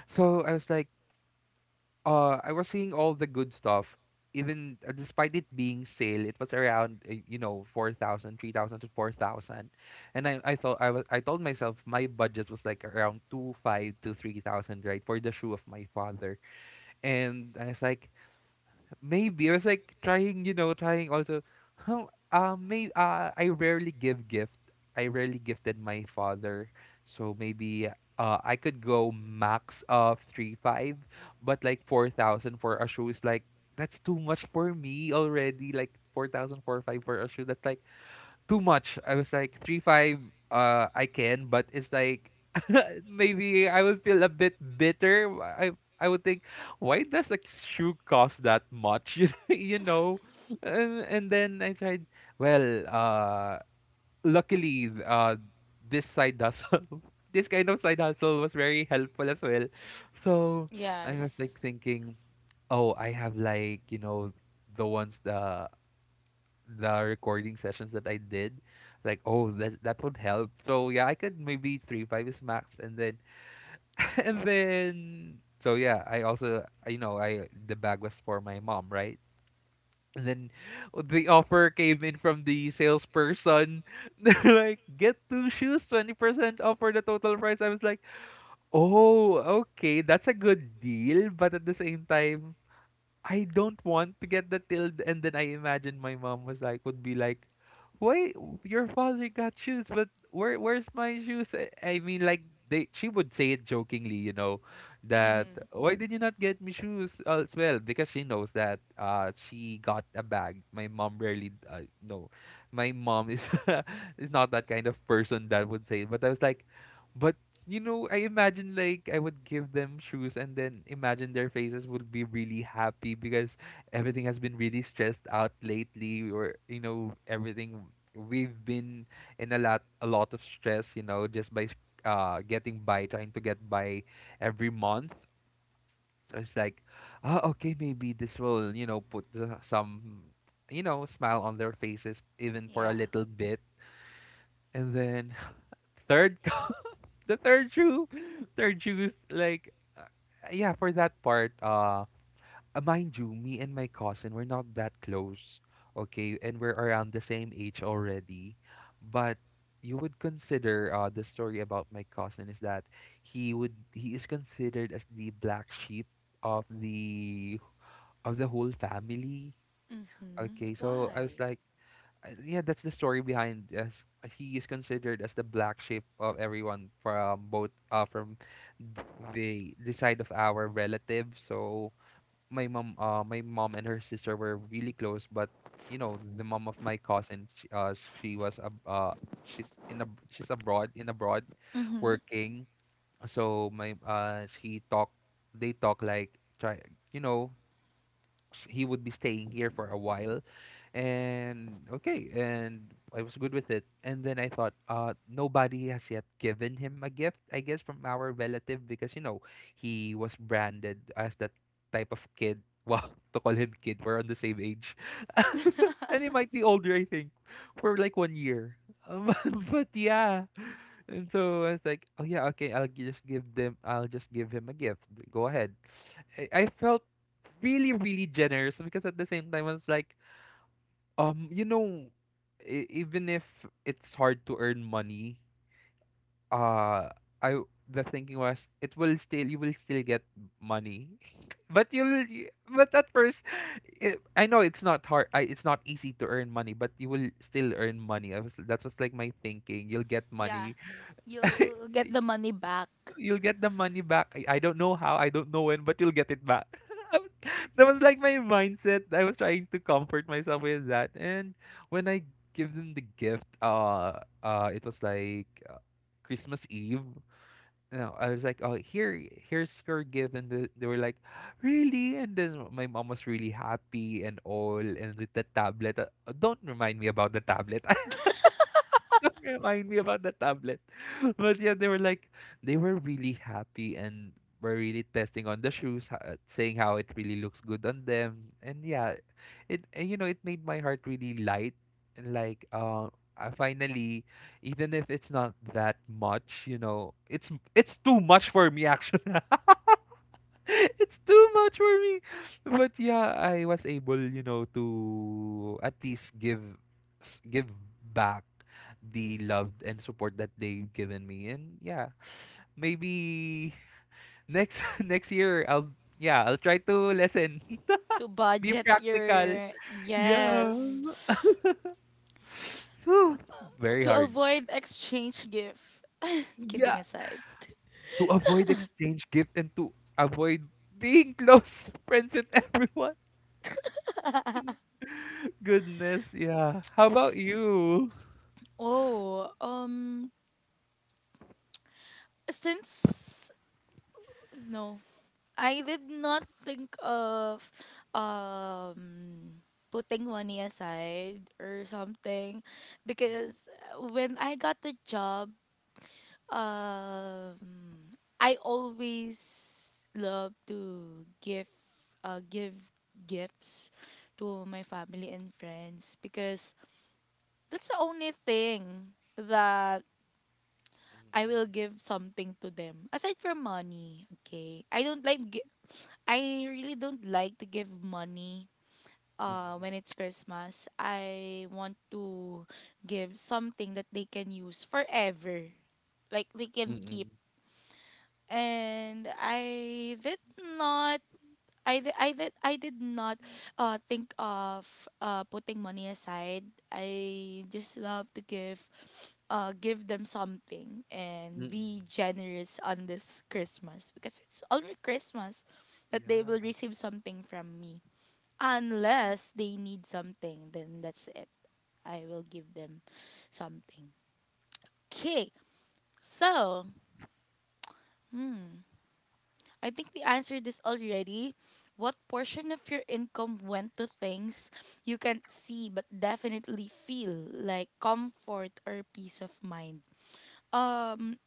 So I was like, I was seeing all the good stuff. Even despite it being sale, it was around, four thousand, three thousand to 4,000. And I thought, I told myself my budget was like around two five to 3,000, right, for the shoe of my father. And I was like, maybe I was like trying, trying also. Huh, may I rarely give gift. I rarely gifted my father, so maybe I could go max of three five, but like 4,000 for a shoe is like, that's too much for me already. Like four thousand four five for a shoe. That's like too much. I was like three five. I can, but it's like, maybe I would feel a bit bitter. I would think, why does a shoe cost that much? You know, and then I tried. Well, luckily, this side hustle, this kind of side hustle was very helpful as well. So I was like
Yes.
thinking, oh, I have like, the ones, the recording sessions that I did, like, oh, that would help. So yeah, I could maybe three five is max, and then and then so yeah, I also I- you know I the bag was for my mom, right? And then, oh, the offer came in from the salesperson. They're like, get two shoes 20% off for the total price. I was like, oh okay, that's a good deal, but at the same time. I don't want to get the tilde, and then I imagine my mom was like would be like, "Wait, your father got shoes, but where's my shoes?" I mean, like, they, she would say it jokingly, you know, that
Mhm.
why did you not get me shoes well, as well? Because she knows that she got a bag. My mom rarely, no. My mom is is not that kind of person that would say it. But I was like, "But you know, I imagine like I would give them shoes and then imagine their faces would be really happy because everything has been really stressed out lately, or you know, everything we've been in a lot of stress, you know, just by getting by, trying to get by every month. So it's like, oh, okay, maybe this will, you know, put some, smile on their faces even for a
Yeah.
little bit. And then third the third shoe, third shoes, like uh, yeah, for that part, mind you, me and my cousin, we're not that close, okay, and we're around the same age already, but you would consider, the story about my cousin is that he is considered as the black sheep of the of the whole family.
Mhm.
Okay, so I was
Why?
like, I, yeah, that's the story behind this. He is considered as the black sheep of everyone from both, from the side of our relatives. So my mom and her sister were really close, but you know, the mom of my cousin, she was a she's in a she's abroad, in abroad
Mhm.
working. So my she talk they talk, like, try, you know, he would be staying here for a while. And okay, and I was good with it, and then I thought, nobody has yet given him a gift, I guess, from our relative, because you know, he was branded as that type of kid. Wow, to call him kid, we're on the same age. And he might be older, I think, for like 1 year. Um, but yeah, and so I was like, oh yeah, okay, I'll gi- just give them I'll just give him a gift. Go ahead. I felt really, really generous because at the same time I was like, you know, even if it's hard to earn money, uh I the thinking was, it will still, you will still get money. But you'll but at first, it, I know it's not hard, I, it's not easy to earn money, but you will still earn money. I was, that was like my thinking, you'll get money.
Yeah, you'll get the money back.
You'll get the money back. I don't know how, I don't know when, but you'll get it back. I was that was like my mindset. I was trying to comfort myself with that. And when I give them the gift, it was like, Christmas Eve. You know, I was like, oh, here, here's your gift, and they were like, really? And then my mom was really happy and all, and with the tablet. Don't remind me about the tablet. Remind me about the tablet. But yeah, they were like, they were really happy, and were really testing on the shoes, saying how it really looks good on them. And yeah, it, and you know, it made my heart really light, and like, I finally, even if it's not that much, you know, it's too much for me, actually. It's too much for me. But yeah, I was able, you know, to at least give, give back the love and support that they've given me. And yeah, maybe next next year I'll, yeah, I'll try to lessen.
To
Be
budget
practical.
your
Yeah.
yes.
Whew, very
To
hard.
avoid exchange gift.
Yeah.
Kidding aside.
To avoid exchange gift, and to avoid being close friends with everyone. Goodness, yeah. How about you?
Oh, since no, I did not think of um putting money aside or something,
Mm-mm,
because when I got the job, um I always love to give give gifts to my family and friends, because that's the only thing that I will give something to them aside from money. Okay, I don't like. I really don't like to give money.
mm-mm,
When it's Christmas, I want to give something that they can use forever, like they can keep.
mm-mm,
And not I did not think of putting money aside. I just love to give them something and be
mm-mm.
generous on this Christmas, because it's only Christmas that they will
Yeah.
receive something from me. Unless they need something, then that's it. I will give them something. Okay, so I think we answered this already. What portion of your income went to things you can't see but definitely feel like comfort or peace of mind? Um,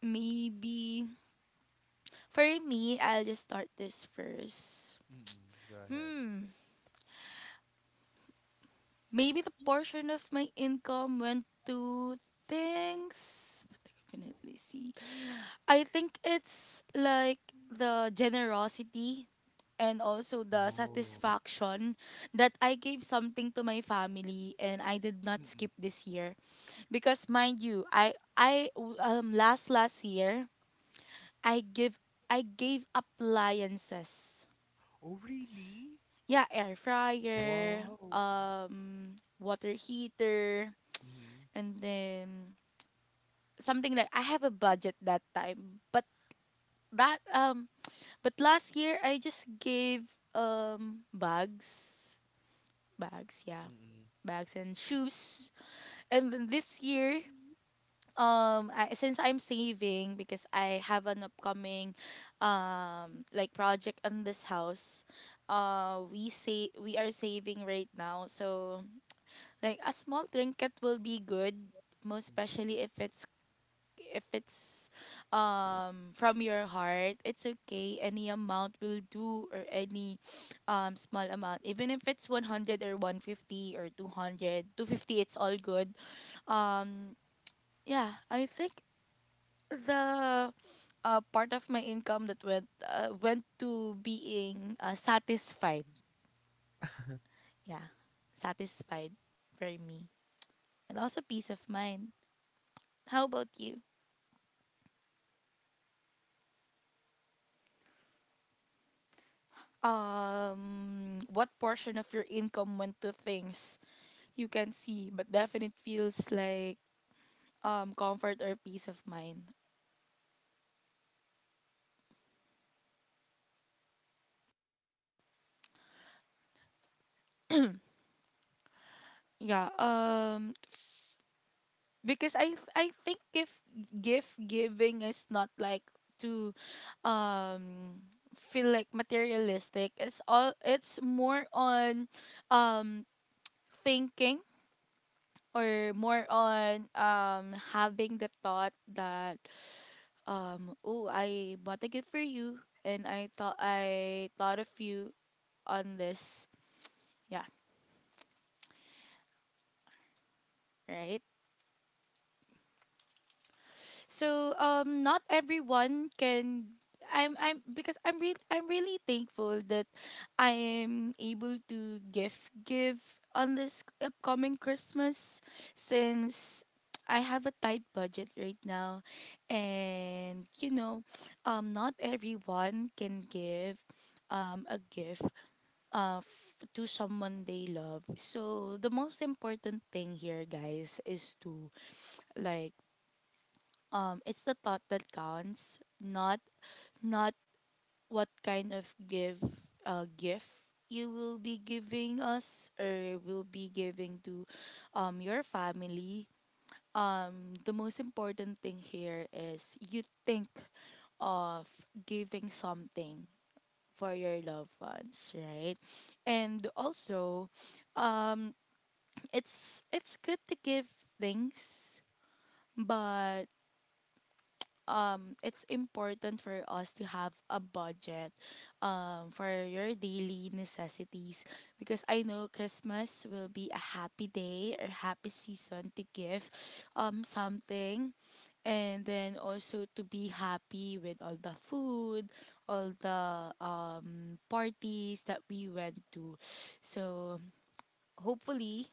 maybe for me, I'll just start this first.
Mm-mm. Go ahead.
Hmm, maybe the portion of my income went to things. But I can definitely see. I think it's like the generosity, and also the
Oh.
satisfaction that I gave something to my family and I did not skip
Mm-mm.
this year, because mind you, I last year I give I gave appliances,
Oh, really?
yeah, air fryer,
Wow.
water heater,
Mm-hmm.
and then something like I have a budget that time, but that but last year I just gave bags
Mm-mm,
yeah
mm-mm.
bags, and shoes. And then this year, since I'm saving because I have an upcoming, like project on this house, we say we are saving right now. So like a small trinket will be good, most especially if it's if it's from your heart, it's okay. Any amount will do, or any small amount. Even if it's 100 or 150 or 200, 250, it's all good. Um yeah, I think the part of my income that went to being satisfied. Yeah, satisfied for me, and also peace of mind. How about you? What portion of your income went to things you can see, but definite feels like comfort or peace of mind. Yeah. Because I think if gift giving is not like to um feel like materialistic, it's all, it's more on um thinking, or more on having the thought that oh, I bought a gift for you, and I thought of you on this, yeah, right. So not everyone can, I'm really thankful that I am able to give on this upcoming Christmas, since I have a tight budget right now. And not everyone can give a gift to someone they love. So the most important thing here, guys, is to like it's the thought that counts, not not what kind of give gift you will be giving us, or will be giving to your family. Um the most important thing here is you think of giving something for your loved ones, right. And also, um it's good to give things, but it's important for us to have a budget for your daily necessities, because I know Christmas will be a happy day or happy season to give something, and then also to be happy with all the food, all the parties that we went to. So hopefully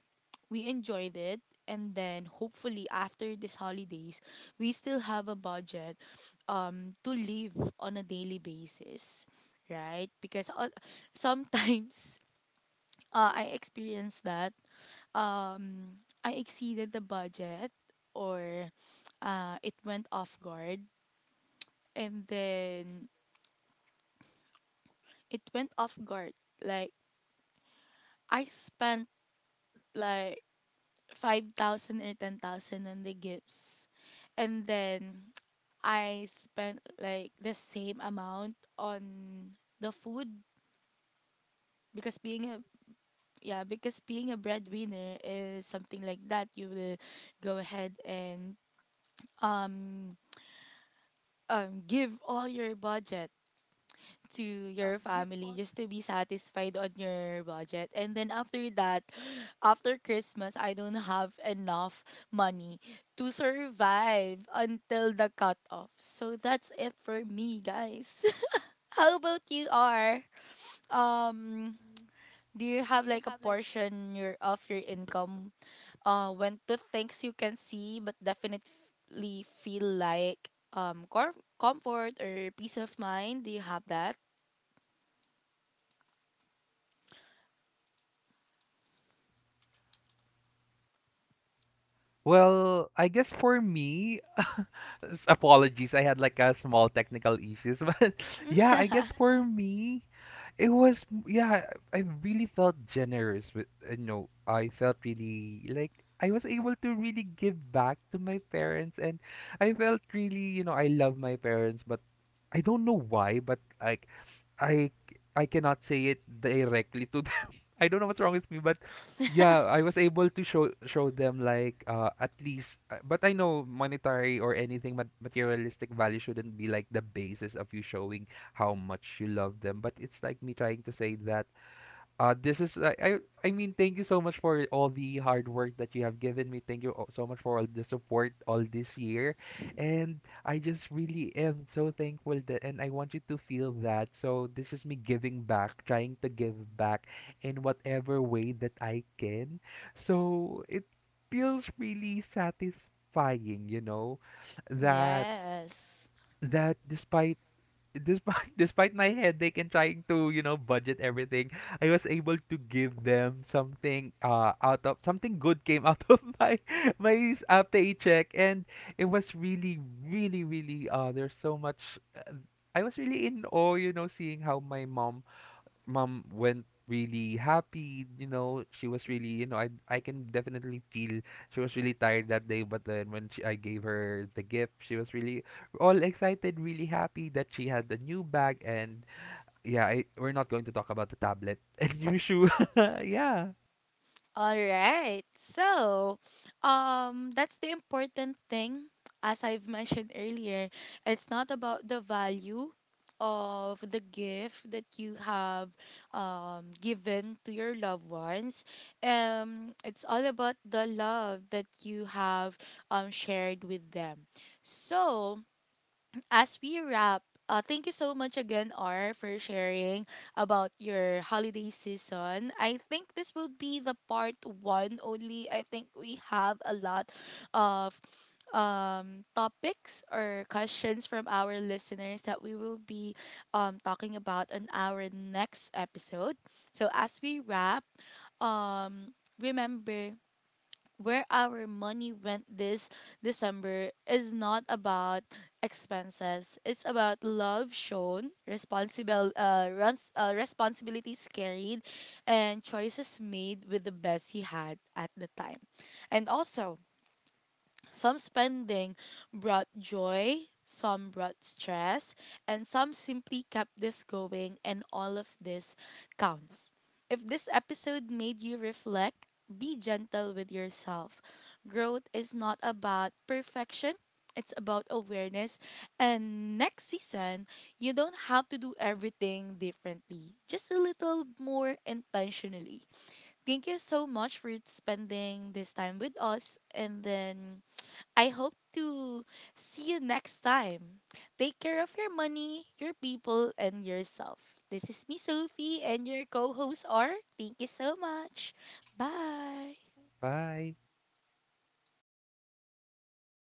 we enjoyed it, and then hopefully after these holidays we still have a budget to live on a daily basis, right, because sometimes I experienced that I exceeded the budget, or it went off and then guard, like I spent like 5,000 or 10,000 on the gifts, and then I spent like the same amount on the food, because being a breadwinner is something like that. You will go ahead and um give all your budget to your family just to be satisfied on your budget. And then after that, after Christmas, I don't have enough money to survive until the cutoff. So that's it for me, guys. How about you, R? Um, do you have like a portion your income went to things you can see but definitely feel like comfort or peace of mind? Do you have that?
Well, I guess for me, apologies, I had like a small technical issues, but yeah, I guess for me, it was yeah, I really felt generous with, you know, I felt really like I was able to really give back to my parents, and I felt really, you know, I love my parents, but I don't know why, but like I I cannot say it directly to, I don't know what's wrong with me, but yeah, I was able to show them like, at least, but I know monetary or anything but materialistic value shouldn't be like the basis of you showing how much you love them, but it's like me trying to say that, this is I I mean, thank you so much for all the hard work that you have given me. Thank you so much for all the support all this year, and I just really am so thankful that, and I want you to feel that. So this is me giving back, trying to give back in whatever way that I can. So it feels really satisfying, you know, that
Yes.
that despite despite despite my headache and trying to, you know, budget everything, I was able to give them something, out of, something good came out of my paycheck, and it was really, really, really, there's so much, I was really in awe, you know, seeing how my mom went really happy. You know, she was really, you know, I can definitely feel she was really tired that day, but then when I gave her the gift, she was really all excited, really happy that she had the new bag. And yeah, I, we're not going to talk about the tablet and new shoe. Yeah.
All right. So, that's the important thing, as I've mentioned earlier. It's not about the value of the gift that you have given to your loved ones. It's all about the love that you have shared with them. So, as we wrap, thank you so much again, R, for sharing about your holiday season. I think this will be the part one only. I think we have a lot of topics or questions from our listeners that we will be talking about in our next episode. So as we wrap, um remember where our money went this December is not about expenses. It's about love shown, responsibilities carried, and choices made with the best he had at the time. And also, some spending brought joy, some brought stress, and some simply kept this going, and all of this counts. If this episode made you reflect, be gentle with yourself. Growth is not about perfection, it's about awareness. And next season, you don't have to do everything differently, just a little more intentionally. Thank you so much for spending this time with us, and then I hope to see you next time. Take care of your money, your people, and yourself. This is me, Sophie, and your co hosts are. Thank you so much. Bye.
Bye.